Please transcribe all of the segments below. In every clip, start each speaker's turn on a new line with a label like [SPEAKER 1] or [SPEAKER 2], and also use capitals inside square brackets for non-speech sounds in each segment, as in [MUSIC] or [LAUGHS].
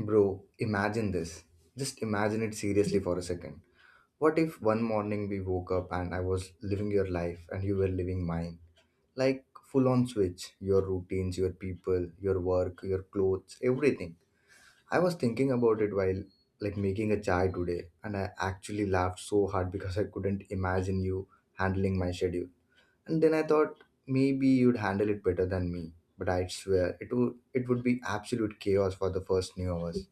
[SPEAKER 1] Bro, imagine this. Just imagine it seriously for a second. What if one morning we woke up and I was living your life and you were living mine? Like full on switch, your routines, your people, your work, your clothes, everything. I was thinking about it while making a chai today and I actually laughed so hard because I couldn't imagine you handling my schedule. And then I thought maybe you'd handle it better than me. But I swear it would be absolute chaos for the first few hours.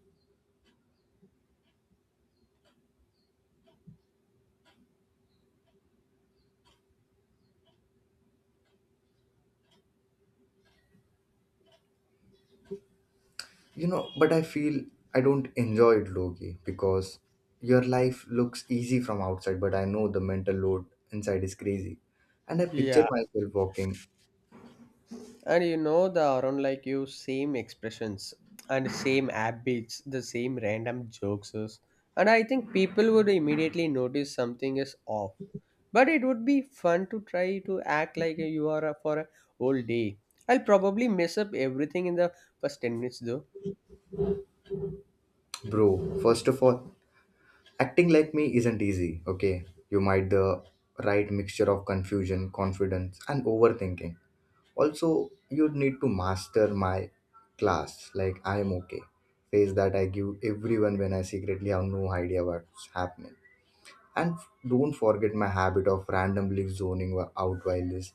[SPEAKER 1] But I feel I don't enjoy it, Loki, because your life looks easy from outside, but I know the mental load inside is crazy. And I picture
[SPEAKER 2] Yeah,
[SPEAKER 1] myself walking,
[SPEAKER 2] and you know the around like you same expressions and same habits, the same random jokes, and I think people would immediately notice something is off. But it would be fun to try to act like you are for a whole day. I'll probably mess up everything in the first 10 minutes though.
[SPEAKER 1] bro. First of all, acting like me isn't easy, okay? You might the right mixture of confusion, confidence, and overthinking. Also, you need to master my class, like I am okay. Face that I give everyone when I secretly have no idea what's happening. And don't forget my habit of randomly zoning out while is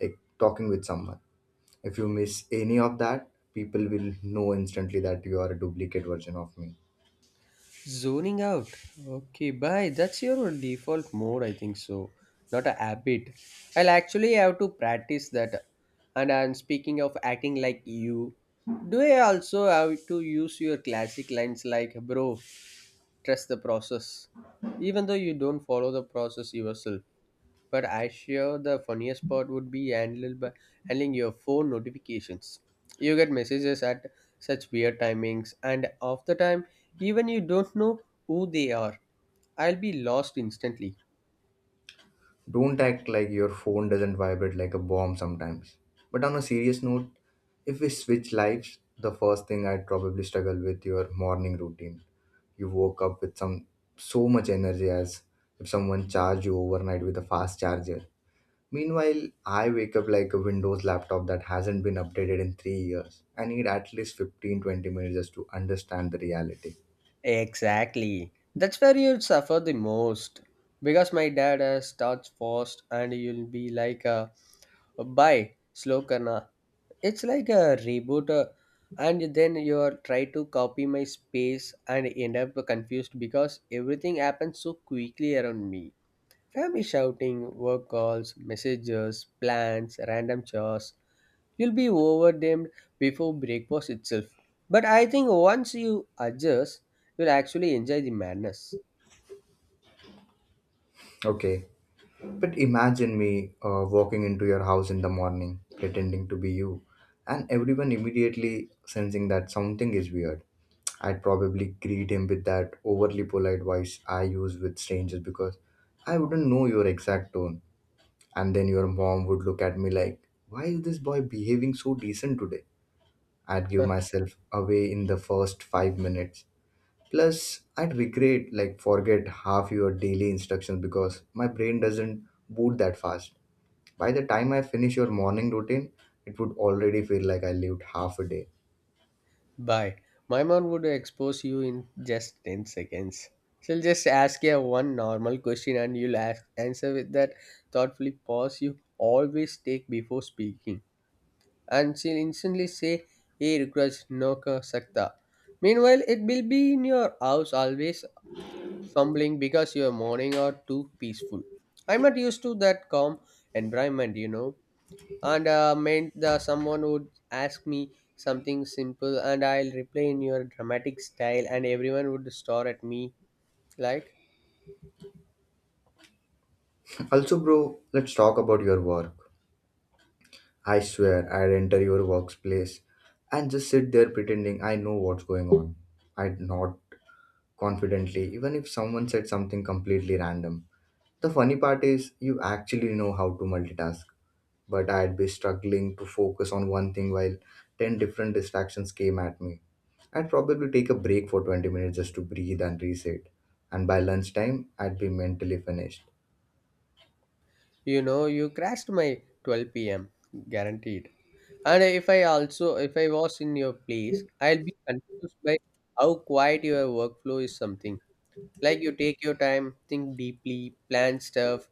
[SPEAKER 1] like talking with someone. If you miss any of that, people will know instantly that you are a duplicate version of me.
[SPEAKER 2] Zoning out. Okay, bye. That's your default mode, I think so. Not a habit. I'll actually have to practice that. And I'm speaking of acting like you. Do I also have to use your classic lines like, bro, trust the process? Even though you don't follow the process yourself. But I sure the funniest part would be handled by handling your phone notifications. You get messages at such weird timings, and of the time, even you don't know who they are. I'll be lost instantly.
[SPEAKER 1] Don't act like your phone doesn't vibrate like a bomb sometimes. But on a serious note, if we switch lives, the first thing I'd probably struggle with your morning routine. You woke up with some so much energy as if someone charged you overnight with a fast charger. Meanwhile, I wake up like a Windows laptop that hasn't been updated in 3 years. I need at least 15, 20 minutes just to understand the reality.
[SPEAKER 2] Exactly. That's where you'll suffer the most. Because my dad starts fast and you'll be like, bye, slow karna. It's like a reboot and then you are try to copy my space and end up confused because everything happens so quickly around me, family shouting, work calls, messages, plans, random chores. You'll be overwhelmed before breakfast itself, but I think once you adjust you'll actually enjoy the madness.
[SPEAKER 1] Okay, but imagine me walking into your house in the morning, pretending to be you, and everyone immediately sensing that something is weird. I'd probably greet him with that overly polite voice I use with strangers because I wouldn't know your exact tone. And then your mom would look at me like, why is this boy behaving so decent today? I'd give myself away in the first 5 minutes. Plus, I'd regret like forget half your daily instructions because my brain doesn't boot that fast. By the time I finish your morning routine, it would already feel like I lived half a day.
[SPEAKER 2] Bye. My mom would expose you in just 10 seconds. She'll just ask you one normal question and you'll answer with that thoughtfully pause you always take before speaking. And she'll instantly say, Hey, request no ka sakta. Meanwhile, it will be in your house always fumbling because your morning are too peaceful. I'm not used to that calm environment, and meant the someone would ask me something simple and I'll reply in your dramatic style and everyone would stare at me like.
[SPEAKER 1] Also, bro, let's talk about your work. I swear I'd enter your workplace and just sit there pretending I know what's going on. I'd nod confidently, even if someone said something completely random. The funny part is, you actually know how to multitask, but I'd be struggling to focus on one thing while 10 different distractions came at me. I'd probably take a break for 20 minutes just to breathe and reset, and by lunchtime, I'd be mentally finished.
[SPEAKER 2] You know you crashed my 12 p.m. guaranteed, and if I was in your place I'll be confused by how quiet your workflow is. Something like you take your time, think deeply, plan stuff,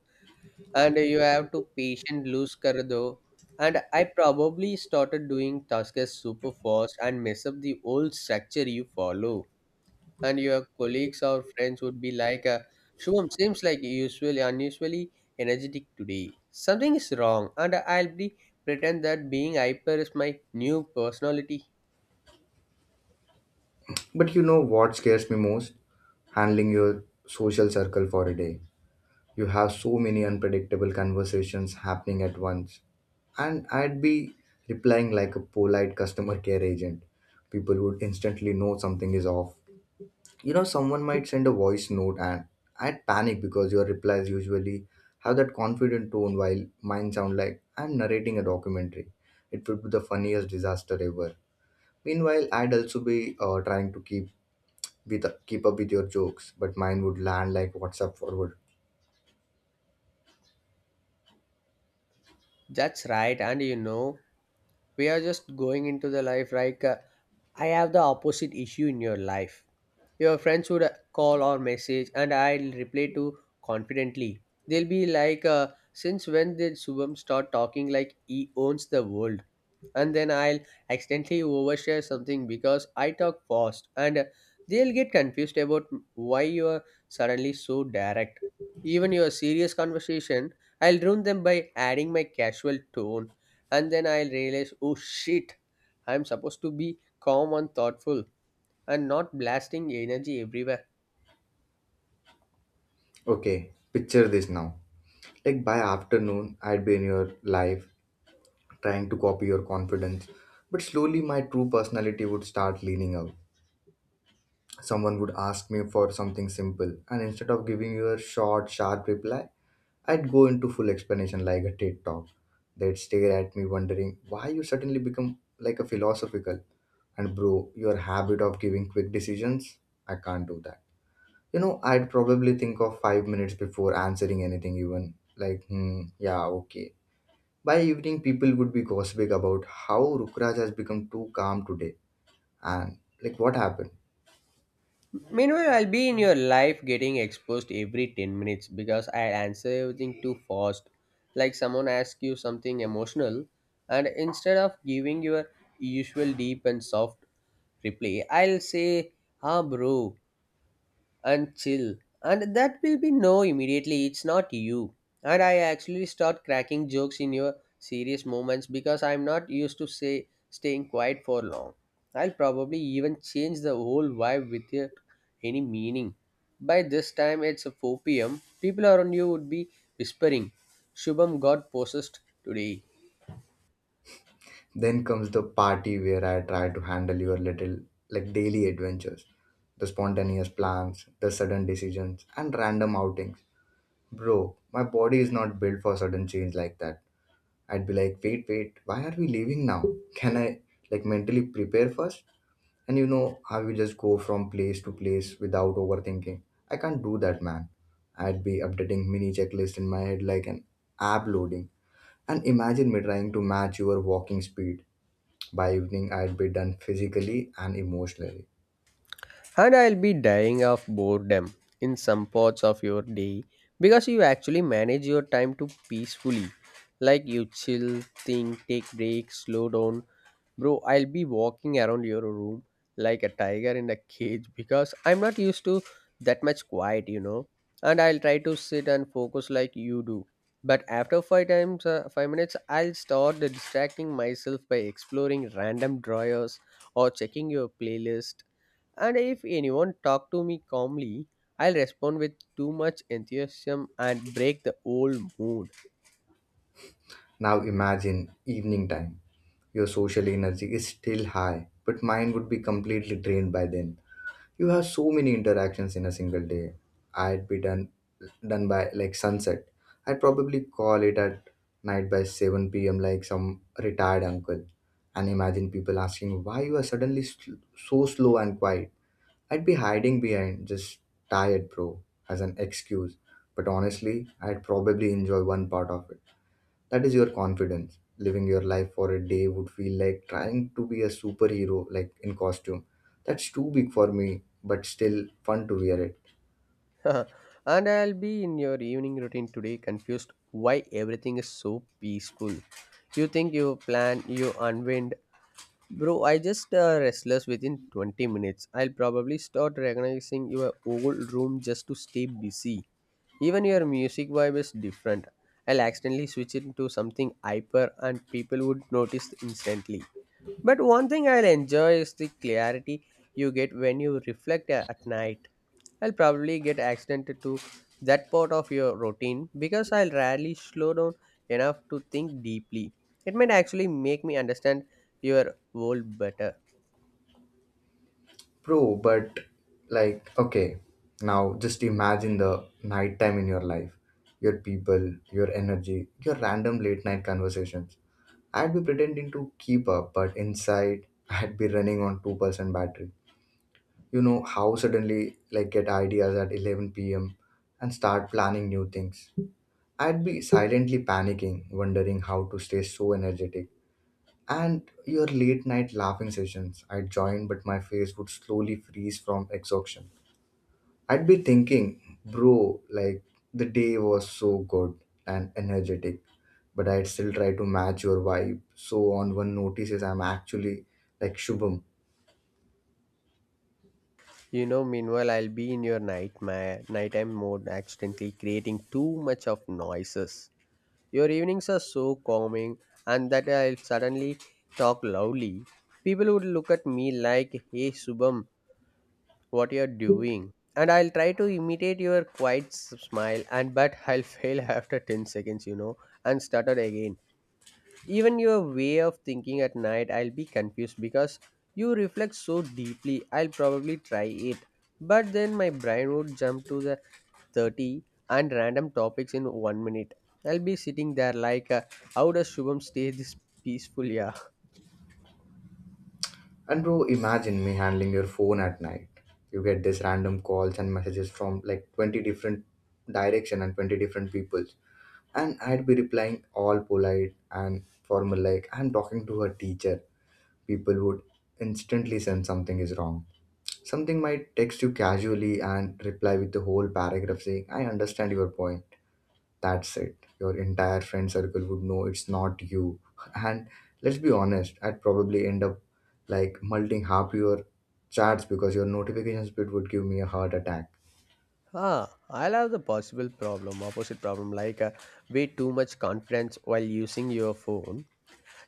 [SPEAKER 2] and you have to patient lose kar do. And I probably started doing tasks super fast and mess up the old structure you follow. And your colleagues or friends would be like, Shubham seems like usually unusually energetic today. Something is wrong, and I'll be pretend that being hyper is my new personality.
[SPEAKER 1] But you know what scares me most? Handling your social circle for a day. You have so many unpredictable conversations happening at once, and I'd be replying like a polite customer care agent. People would instantly know something is off. You know, someone might send a voice note and I'd panic because your replies usually have that confident tone while mine sound like I'm narrating a documentary. It would be the funniest disaster ever. Meanwhile, I'd also be trying to keep up with your jokes, but mine would land like WhatsApp forward.
[SPEAKER 2] That's right, and you know, we are just going into the life like I have the opposite issue in your life. Your friends would call or message and I'll reply to confidently. They'll be like, since when did Subham start talking like he owns the world? And then I'll accidentally overshare something because I talk fast, and they'll get confused about why you are suddenly so direct. Even your serious conversation I'll ruin them by adding my casual tone, and then I'll realize, oh shit, I'm supposed to be calm and thoughtful and not blasting energy everywhere.
[SPEAKER 1] Okay, picture this now. Like by afternoon, I'd be in your life trying to copy your confidence, but slowly my true personality would start leaning out. Someone would ask me for something simple, and instead of giving you a short, sharp reply, I'd go into full explanation like a TED talk. They'd stare at me wondering why you suddenly become like a philosophical. And bro, your habit of giving quick decisions, I can't do that. You know, I'd probably think of 5 minutes before answering anything, even like, hmm, yeah, okay. By evening, people would be gossiping about how Rukraj has become too calm today and like what happened.
[SPEAKER 2] Meanwhile, I'll be in your life getting exposed every 10 minutes because I answer everything too fast. Like someone asks you something emotional, and instead of giving your usual deep and soft reply, I'll say, ah, bro, and chill. And that will be no, immediately, it's not you. And I actually start cracking jokes in your serious moments because I'm not used to say staying quiet for long. I'll probably even change the whole vibe without any meaning. By this time it's 4 p.m., people around you would be whispering, Shubham got possessed today.
[SPEAKER 1] Then comes the party where I try to handle your little, like daily adventures, the spontaneous plans, the sudden decisions, and random outings. Bro, my body is not built for sudden change like that. I'd be like, wait, why are we leaving now? Can I, like, mentally prepare first? And you know how you just go from place to place without overthinking. I can't do that, man. I'd be updating mini checklist in my head like an app loading. And imagine me trying to match your walking speed by evening, I'd be done physically and emotionally.
[SPEAKER 2] And I'll be dying of boredom in some parts of your day because you actually manage your time to peacefully. Like you chill, think, take breaks, slow down. Bro, I'll be walking around your room like a tiger in a cage because I'm not used to that much quiet, you know. And I'll try to sit and focus like you do. But after five minutes, I'll start distracting myself by exploring random drawers or checking your playlist. And if anyone talk to me calmly, I'll respond with too much enthusiasm and break the old mood.
[SPEAKER 1] Now imagine evening time. Your social energy is still high, but mine would be completely drained by then. You have so many interactions in a single day. I'd be done by like sunset. I'd probably call it at night by 7 p.m. like some retired uncle. And imagine people asking why you are suddenly so slow and quiet. I'd be hiding behind just tired, bro, as an excuse. But honestly, I'd probably enjoy one part of it. That is your confidence. Living your life for a day would feel like trying to be a superhero, like in costume. That's too big for me, but still fun to wear it.
[SPEAKER 2] [LAUGHS] And I'll be in your evening routine today, confused why everything is so peaceful. You think you plan, you unwind. Bro, I just restless within 20 minutes. I'll probably start recognizing your old room just to stay busy. Even your music vibe is different. I'll accidentally switch it to something hyper and people would notice instantly. But one thing I'll enjoy is the clarity you get when you reflect at night. I'll probably get accented to that part of your routine because I'll rarely slow down enough to think deeply. It might actually make me understand your world better.
[SPEAKER 1] Bro, but like, okay, now just imagine the night time in your life. Your people, your energy, your random late night conversations. I'd be pretending to keep up, but inside [LAUGHS] I'd be running on 2% battery. You know how suddenly like get ideas at 11 p.m. and start planning new things. I'd be silently panicking, wondering how to stay so energetic. And your late night laughing sessions I'd join, but my face would slowly freeze from exhaustion. I'd be thinking, bro, like the day was so good and energetic, but I'd still try to match your vibe. So on one notices I'm actually like Shubham.
[SPEAKER 2] You know, meanwhile, I'll be in your nightmare, nighttime mode, accidentally creating too much of noises. Your evenings are so calming, and that I'll suddenly talk loudly. People would look at me like, hey, Subham, what you're doing? And I'll try to imitate your quiet smile and but I'll [LAUGHS] fail after 10 seconds, you know. And stutter again. Even your way of thinking at night, I'll be confused because you reflect so deeply. I'll probably try it, but then my brain would jump to the 30 and random topics in one minute. I'll be sitting there like, how does Shubham stay this peaceful? Yeah.
[SPEAKER 1] And bro, imagine me handling your phone at night. You get these random calls and messages from like 20 different direction and 20 different people. And I'd be replying all polite and formal like I'm talking to her teacher. People would instantly sense something is wrong. Something might text you casually and reply with the whole paragraph saying, I understand your point. That's it. Your entire friend circle would know it's not you. [LAUGHS] And let's be honest, I'd probably end up like multing half your chats because your notifications bit would give me a heart attack.
[SPEAKER 2] Ah, I'll have the opposite problem, like way too much confidence while using your phone.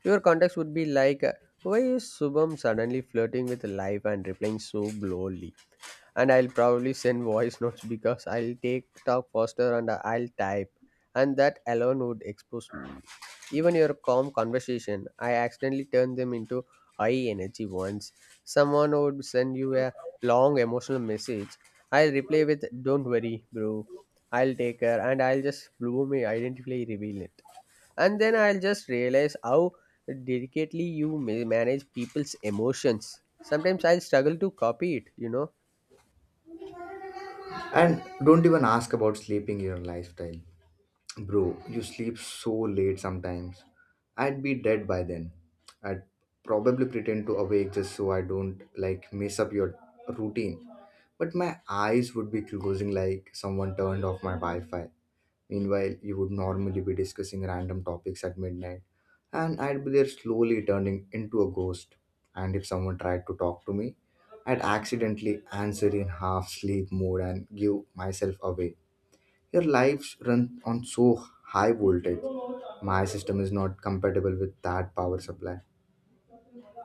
[SPEAKER 2] Your contacts would be like, why is Subham suddenly flirting with life and replying so blowly? And I'll probably send voice [LAUGHS] notes because I'll take talk faster and I'll type, and that alone would expose me. Even your calm conversation, I accidentally turned them into high energy ones. Someone would send you a long emotional message. I'll reply with "Don't worry, bro. I'll take care," and I'll just bloom my identify reveal it. And then I'll just realize how delicately you manage people's emotions. Sometimes I'll struggle to copy it.
[SPEAKER 1] And don't even ask about sleeping in your lifestyle. Bro, you sleep so late sometimes. I'd be dead by then. I'd probably pretend to awake just so I don't like mess up your routine. But my eyes would be closing like someone turned off my Wi Fi. Meanwhile, you would normally be discussing random topics at midnight. And I'd be there slowly turning into a ghost. And if someone tried to talk to me, I'd accidentally answer in half sleep mode and give myself away. Your lives run on so high voltage. My system is not compatible with that power supply.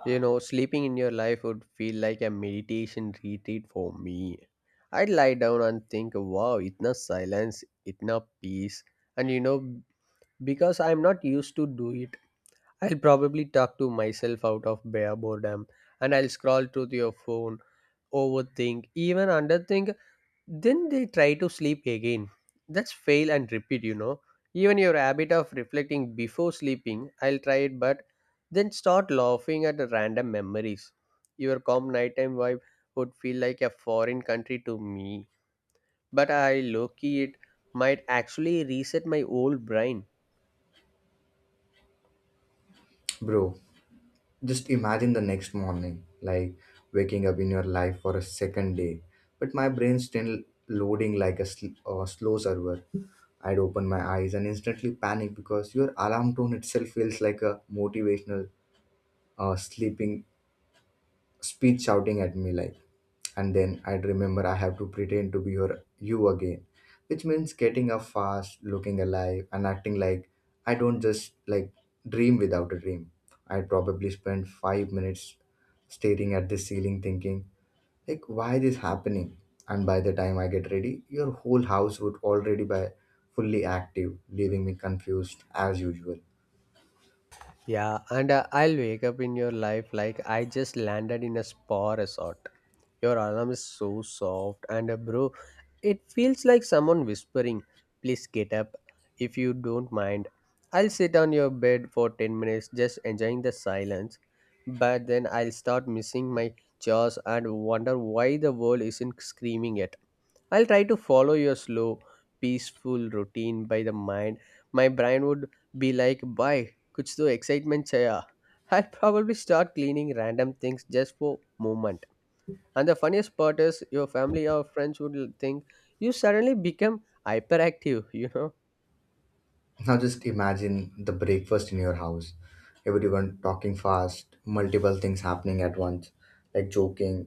[SPEAKER 2] You know, sleeping in your life would feel like a meditation retreat for me. I'd lie down and think, wow, itna silence, itna peace. And you know, because I'm not used to do it, I'll probably talk to myself out of bare boredom. And I'll scroll through your phone, overthink, even underthink, then they try to sleep again. That's fail and repeat, you know. Even your habit of reflecting before sleeping, I'll try it, but then start laughing at the random memories. Your calm nighttime vibe would feel like a foreign country to me. But I low key it might actually reset my old brain.
[SPEAKER 1] Bro, just imagine the next morning, like waking up in your life for a second day, but my brain's still loading like a slow server. I'd open my eyes and instantly panic because your alarm tone itself feels like a motivational sleeping speech shouting at me like, and then I'd remember I have to pretend to be you again, which means getting up fast, looking alive, and acting like I don't just like dream without a dream. I probably spent 5 minutes staring at the ceiling, thinking like, why this happening? And by the time I get ready, your whole house would already be fully active, leaving me confused as usual.
[SPEAKER 2] Yeah, and I'll wake up in your life like I just landed in a spa resort. Your alarm is so soft, and bro, it feels like someone whispering, Please get up if you don't mind. I'll sit on your bed for 10 minutes just enjoying the silence, but then I'll start missing my chores and wonder why the world isn't screaming yet. I'll try to follow your slow, peaceful routine by the mind. My brain would be like, Bye, kuch to excitement chaya. I'll probably start cleaning random things just for moment. And the funniest part is your family or friends would think you suddenly become hyperactive, you know.
[SPEAKER 1] Now just imagine the breakfast in your house. Everyone talking fast, multiple things happening at once, like joking,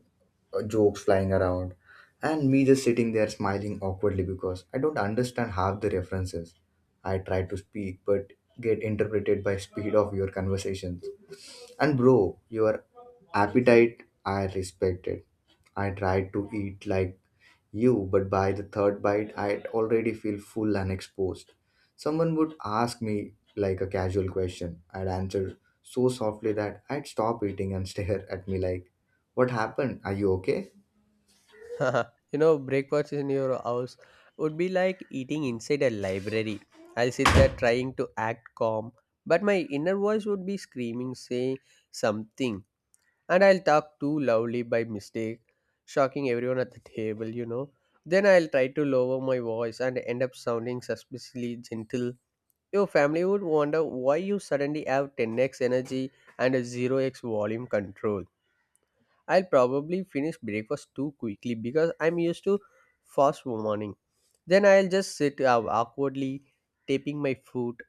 [SPEAKER 1] uh, jokes flying around, and me just sitting there smiling awkwardly because I don't understand half the references. I try to speak but get interpreted by speed of your conversation. And bro, your appetite, I respected. I tried to eat like you, but by the third bite, I already feel full and exposed. Someone would ask me like a casual question. I'd answer so softly that I'd stop eating and [LAUGHS] stare at me like, what happened? Are you okay?
[SPEAKER 2] [LAUGHS] You know, breakfast in your house would be like eating inside a library. I'll sit there trying to act calm, but my inner voice would be screaming, saying something, and I'll talk too loudly by mistake, shocking everyone at the table, you know. Then I'll try to lower my voice and end up sounding suspiciously gentle. Your family would wonder why you suddenly have 10x energy and a 0x volume control. I'll probably finish breakfast too quickly because I'm used to fast morning. Then I'll just sit awkwardly, taping my foot,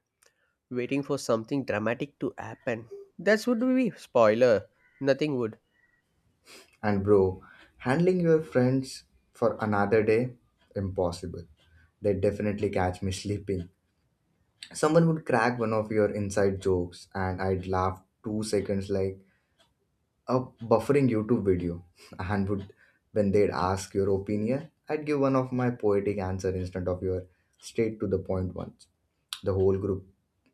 [SPEAKER 2] waiting for something dramatic to happen. That would be spoiler. Nothing would.
[SPEAKER 1] And bro, handling your friends for another day? Impossible. They definitely catch me [LAUGHS] sleeping. Someone would crack one of your inside jokes, and I'd laugh 2 seconds like a buffering YouTube video. [LAUGHS] And would when they'd ask your opinion, I'd give one of my poetic answer instead of your straight to the point ones. The whole group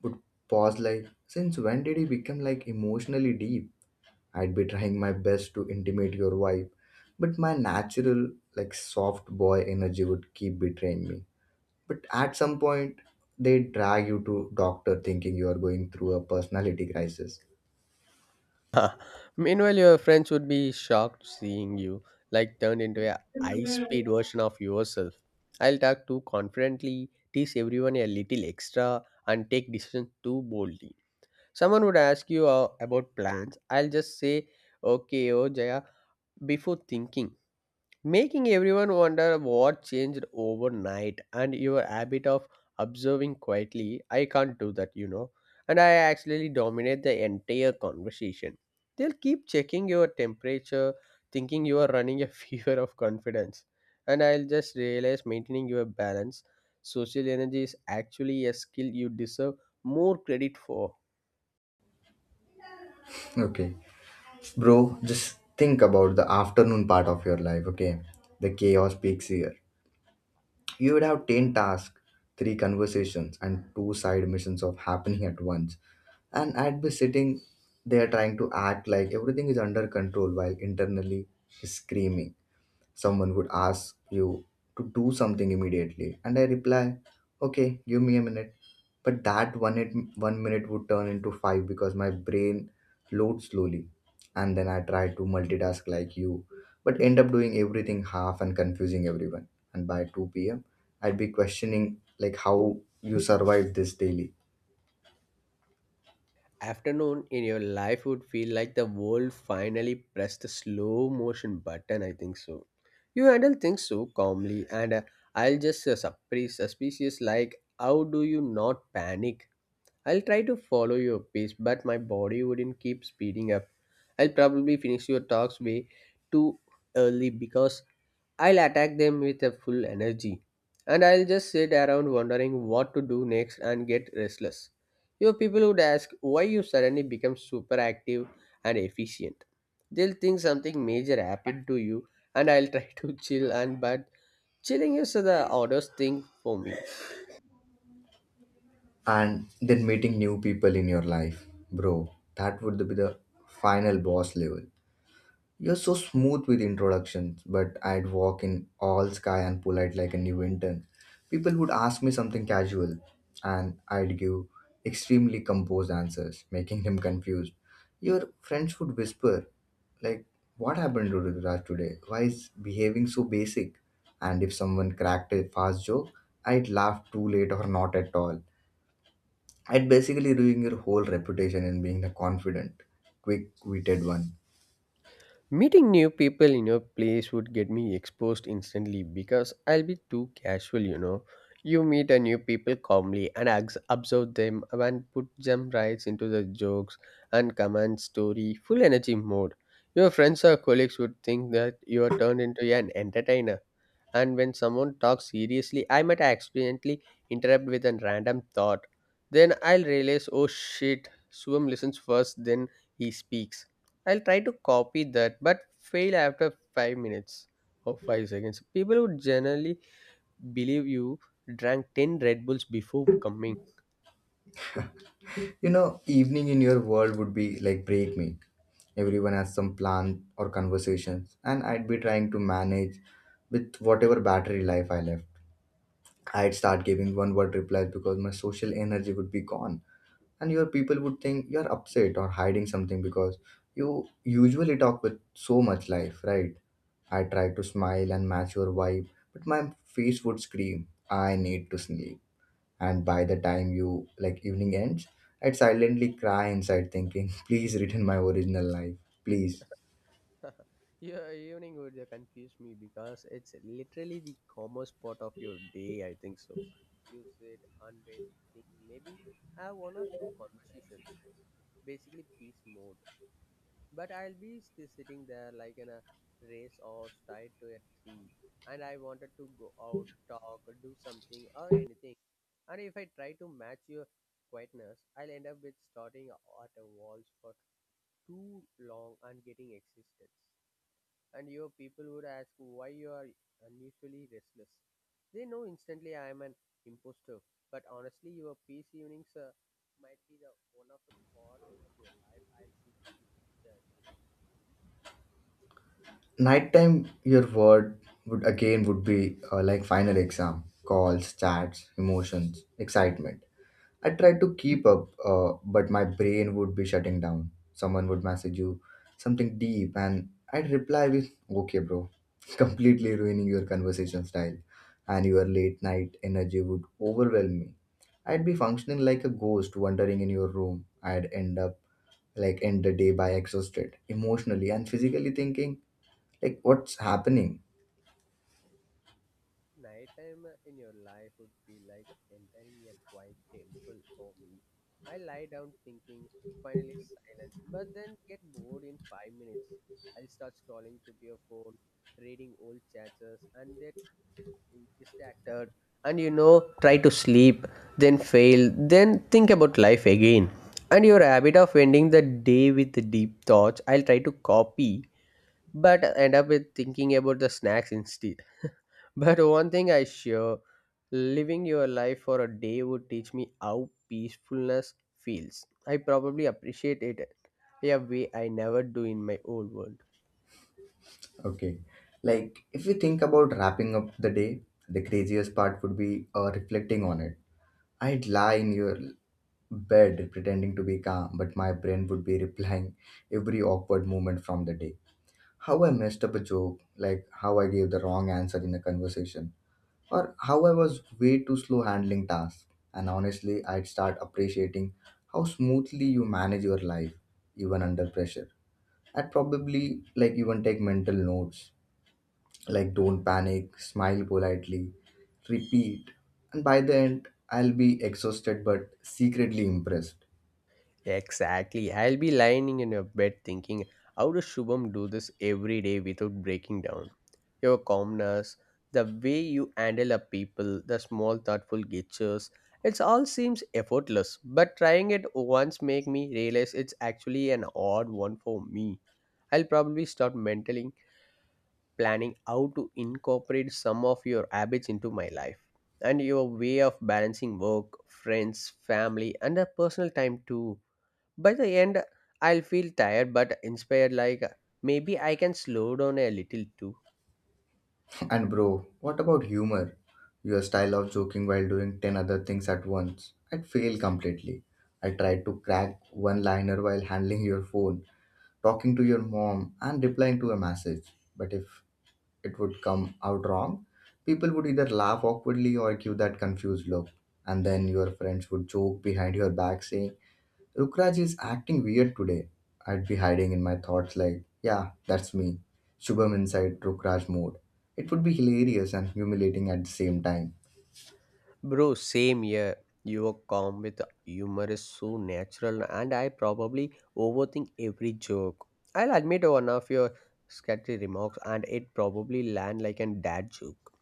[SPEAKER 1] would pause like, since when did he become like emotionally deep? I'd be trying my best to intimate your wife, but my natural like soft boy energy would keep betraying me. But at some point, they drag you to doctor thinking you are going through a personality crisis.
[SPEAKER 2] [LAUGHS] Meanwhile, your friends would be shocked seeing you, like turned into a high-speed version of yourself. I'll talk too confidently, tease everyone a little extra, and take decisions too boldly. Someone would ask you about plans. I'll just say, "Okay, oh Jaya," before thinking, making everyone wonder what changed overnight. And your habit of observing quietly, I can't do that, you know. And I actually dominate the entire conversation. They'll keep checking your temperature, thinking you are running a [LAUGHS] fever of confidence. And I'll just realize maintaining your balance, social energy is actually a skill you deserve more credit for.
[SPEAKER 1] Okay bro, just think about the afternoon part of your life. Okay, the chaos peaks here. You would have 10 tasks, three conversations and two side missions of happening at once, and I'd be sitting there trying to act like everything is under control while internally screaming. Someone would ask you to do something immediately, and I reply, okay, give me a minute. But that one, it, 1 minute would turn into five because my brain loads slowly. And then I try to multitask like you, but end up doing everything half and confusing everyone. And by 2 p.m., I'd be questioning like how you survived this daily.
[SPEAKER 2] Afternoon in your life would feel like the world finally pressed the slow motion button, I think so. You handle things so calmly, and I'll just surprise suspicious like how do you not panic. I'll try to follow your pace, but my body wouldn't keep speeding up. I'll probably finish your talks way too early because I'll attack them with a full energy, and I'll just sit around wondering what to do next and get restless. Your people would ask why you suddenly become super active and efficient. They'll think something major happened to you, and I'll try [LAUGHS] to chill and but chilling is the oddest thing for me.
[SPEAKER 1] And then meeting new people in your life, bro, that would be the final boss level. You're so smooth with introductions, but I'd walk in all sky and polite like a new intern. People would ask me something casual, and I'd give extremely composed answers, [LAUGHS] making him confused. Your friends would whisper, like, what happened to Rudraj today? Why is behaving so basic? And if someone cracked a fast joke, I'd laugh too late or not at all. I'd basically ruin your whole reputation in being the confident, quick witted one.
[SPEAKER 2] Meeting new people in your place would get me exposed instantly because I'll be too casual, you know. You meet a new people calmly and observe them and put them right into the jokes and command story, full energy mode. Your friends or colleagues would think that you are turned into an entertainer. And when someone talks seriously, I might accidentally interrupt with a random thought. Then I'll realize, oh shit, Swam listens first, then he speaks. I'll try to copy that, but fail after 5 minutes or 5 seconds. People would generally believe you drank 10 Red Bulls before coming.
[SPEAKER 1] You know, evening in your world would be like break me. Everyone has some plan or conversations, and I'd be trying to manage with whatever battery life I left. I'd start giving one word replies because my social energy would be gone, and your people would think you're upset or hiding something because you usually talk with so much life, right? I tried to smile and match your vibe, but my face would scream, I need to sleep. And by the time you like evening ends, I'd silently cry inside thinking, [LAUGHS] please return my original life. Please.
[SPEAKER 2] [LAUGHS] Your evening would confuse me because it's literally the commerce part of your day, I think so. You sit and when thinking, maybe I have one or two conversations, basically peace mode. But I'll be sitting there like in a race horse tied to a tree, and I wanted to go out, talk, do something or anything. And if I try to match your quietness, I'll end up with starting at a walls for too long and getting existence. And your people would ask why you are unusually restless. They know instantly I am an imposter. But honestly, your peace evenings might be the one of the part of your life I'll secretly enjoy, you know.
[SPEAKER 1] Nighttime your word would again would be like final exam calls chats emotions excitement. I tried to keep up, but my brain would be shutting down. Someone would message you something deep, and I'd reply with, okay, bro, [LAUGHS] completely ruining your conversation style. And your late night energy would overwhelm me. I'd be functioning like a ghost wandering in your room. I'd end up like end the day by exhausted, emotionally and physically thinking, like, what's happening?
[SPEAKER 2] Nighttime in your life would be like entering a quiet temple for me. I lie down thinking, finally silence, but then get bored in 5 minutes. I'll start scrolling to your phone, reading old chats, and get distracted. And you know, try to sleep, then fail, then think about life again. And your habit of ending the day with deep thoughts, I'll try to copy, but end up with thinking about the snacks instead. But one thing I sure, living your life for a day would teach me how peacefulness feels. I probably appreciate it in a way I never do in my old world.
[SPEAKER 1] Okay. Like, if you think about wrapping up the day, the craziest part would be reflecting on it. I'd lie in your bed pretending to be calm, but my brain would be replying every awkward moment from the day. How I messed up a joke, like how I gave the wrong answer in a conversation, or how I was way too slow handling tasks. And honestly, I'd start appreciating how smoothly you manage your life, even under pressure. I'd probably like even take mental notes like don't panic, smile politely, repeat. And by the end, I'll be exhausted but secretly impressed.
[SPEAKER 2] Exactly. I'll be lying in your bed thinking, how does Shubham do this every day without breaking down? Your calmness, the way you handle a people, the small thoughtful gestures, it all seems effortless. But trying it once make me realize it's actually an odd one for me. I'll probably start mentally planning how to incorporate some of your habits into my life and your way of balancing work, friends, family, and a personal time too. By the end, I'll feel tired but inspired, like maybe I can slow down a little too.
[SPEAKER 1] [LAUGHS] And bro, what about humor? Your style of joking while doing 10 other things at once, I'd fail completely. I tried to crack one liner while handling your phone, talking to your mom and replying to a message, but if it would come out wrong, people would either laugh awkwardly or give that confused look. And then your friends would joke behind your back saying, Rukraj is acting weird today. I'd be hiding in my thoughts like, yeah, that's me. Shubham inside Rukraj mode. It would be hilarious and humiliating at the same time.
[SPEAKER 2] Bro, same here. You are calm with humor is so natural, and I probably overthink every joke. I'll admit one of your scattered remarks, and it probably land like a dad joke.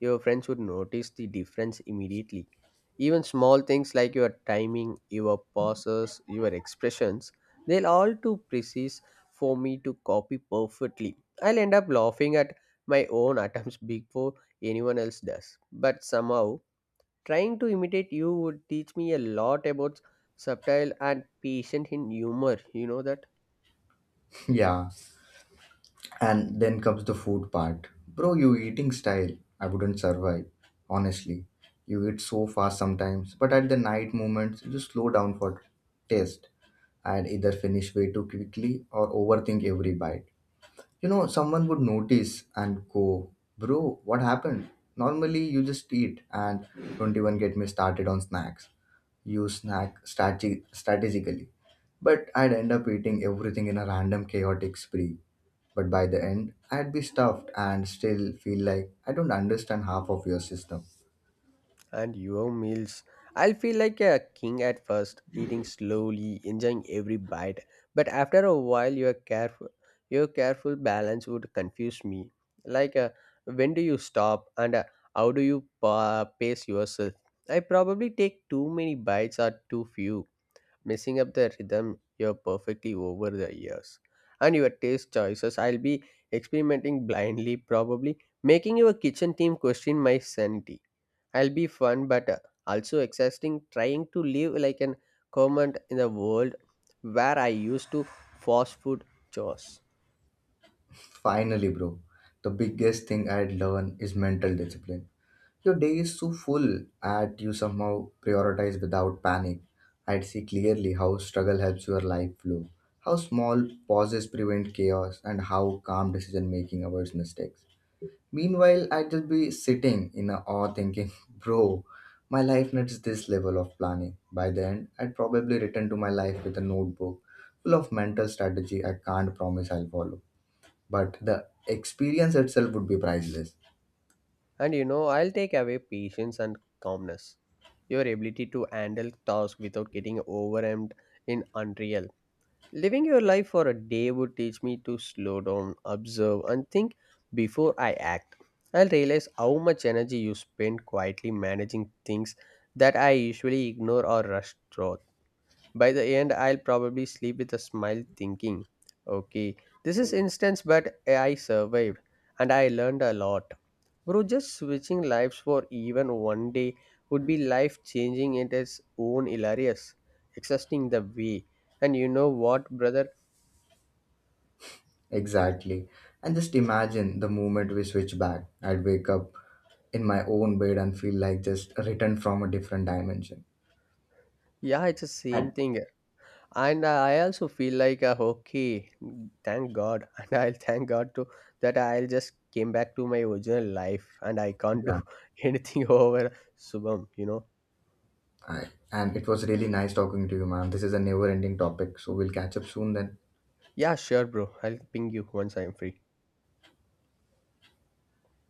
[SPEAKER 2] Your friends would notice the difference immediately. Even small things like your timing, your pauses, your expressions, they'll all too precise for me to copy perfectly. I'll end up laughing at my own [LAUGHS] attempts before anyone else does. But somehow, trying to imitate you would teach me a lot about subtle and patient in humor. You know that?
[SPEAKER 1] [LAUGHS] Yeah. And then comes the food part. Bro, you eating style. I wouldn't survive. Honestly. You eat so fast sometimes, but at the night moments you slow down for taste. I'd either finish way too quickly or overthink every bite. You know, someone would notice and go, bro, what happened? Normally you just eat and don't even get me started on snacks. You strategically. But I'd end up eating everything in a random chaotic spree. But by the end, I'd be stuffed and still feel like I don't understand half of your system.
[SPEAKER 2] And your meals. I'll feel like a king at first, eating slowly, enjoying every bite. But after a while, your careful balance would confuse me. Like, when do you stop, and how do you pace yourself? I probably take too many bites or too few, messing up the rhythm you're perfectly over the years. And your taste choices, I'll be experimenting blindly, probably making your kitchen team question my sanity. I'll be fun, but also exhausting trying to live like an comment in the world where I used to fast food chores.
[SPEAKER 1] Finally, bro, the biggest thing I'd learn is mental discipline. Your day is so full at you somehow prioritize without panic. I'd see clearly how struggle helps your life flow, how small pauses prevent chaos, and how calm decision making avoids mistakes. Meanwhile, I'd just be sitting in awe thinking, [LAUGHS] bro, my life needs this level of planning. By the end, I'd probably return to my life with a notebook full of mental strategy I can't promise I'll follow, but the experience itself would be priceless.
[SPEAKER 2] And you know, I'll take away patience and calmness. Your ability to handle tasks without getting overwhelmed in unreal. Living your life for a day would teach me to slow down, observe, and think before I act. I'll realize how much energy you spend quietly managing things that I usually ignore or rush through. By the end, I'll probably sleep with a smile thinking, okay, this is instance, but I survived and I learned a lot. Bro, just switching lives for even one day would be life changing in its own hilarious, exhausting the way. And you know what, brother?
[SPEAKER 1] Exactly. And just imagine the moment we switch back. I'd wake up in my own bed and feel like just returned from a different dimension.
[SPEAKER 2] Yeah, it's the same
[SPEAKER 1] And
[SPEAKER 2] thing. And I also feel like, okay, thank God. [LAUGHS] And I'll thank God too that I'll just came back to my original life and I can't do
[SPEAKER 1] yeah.
[SPEAKER 2] [LAUGHS] anything over Subham, you know.
[SPEAKER 1] I, and it was really nice talking to you, ma'am. This is a never ending topic. So we'll catch up soon then.
[SPEAKER 2] Yeah, sure, bro. I'll ping you once I am free.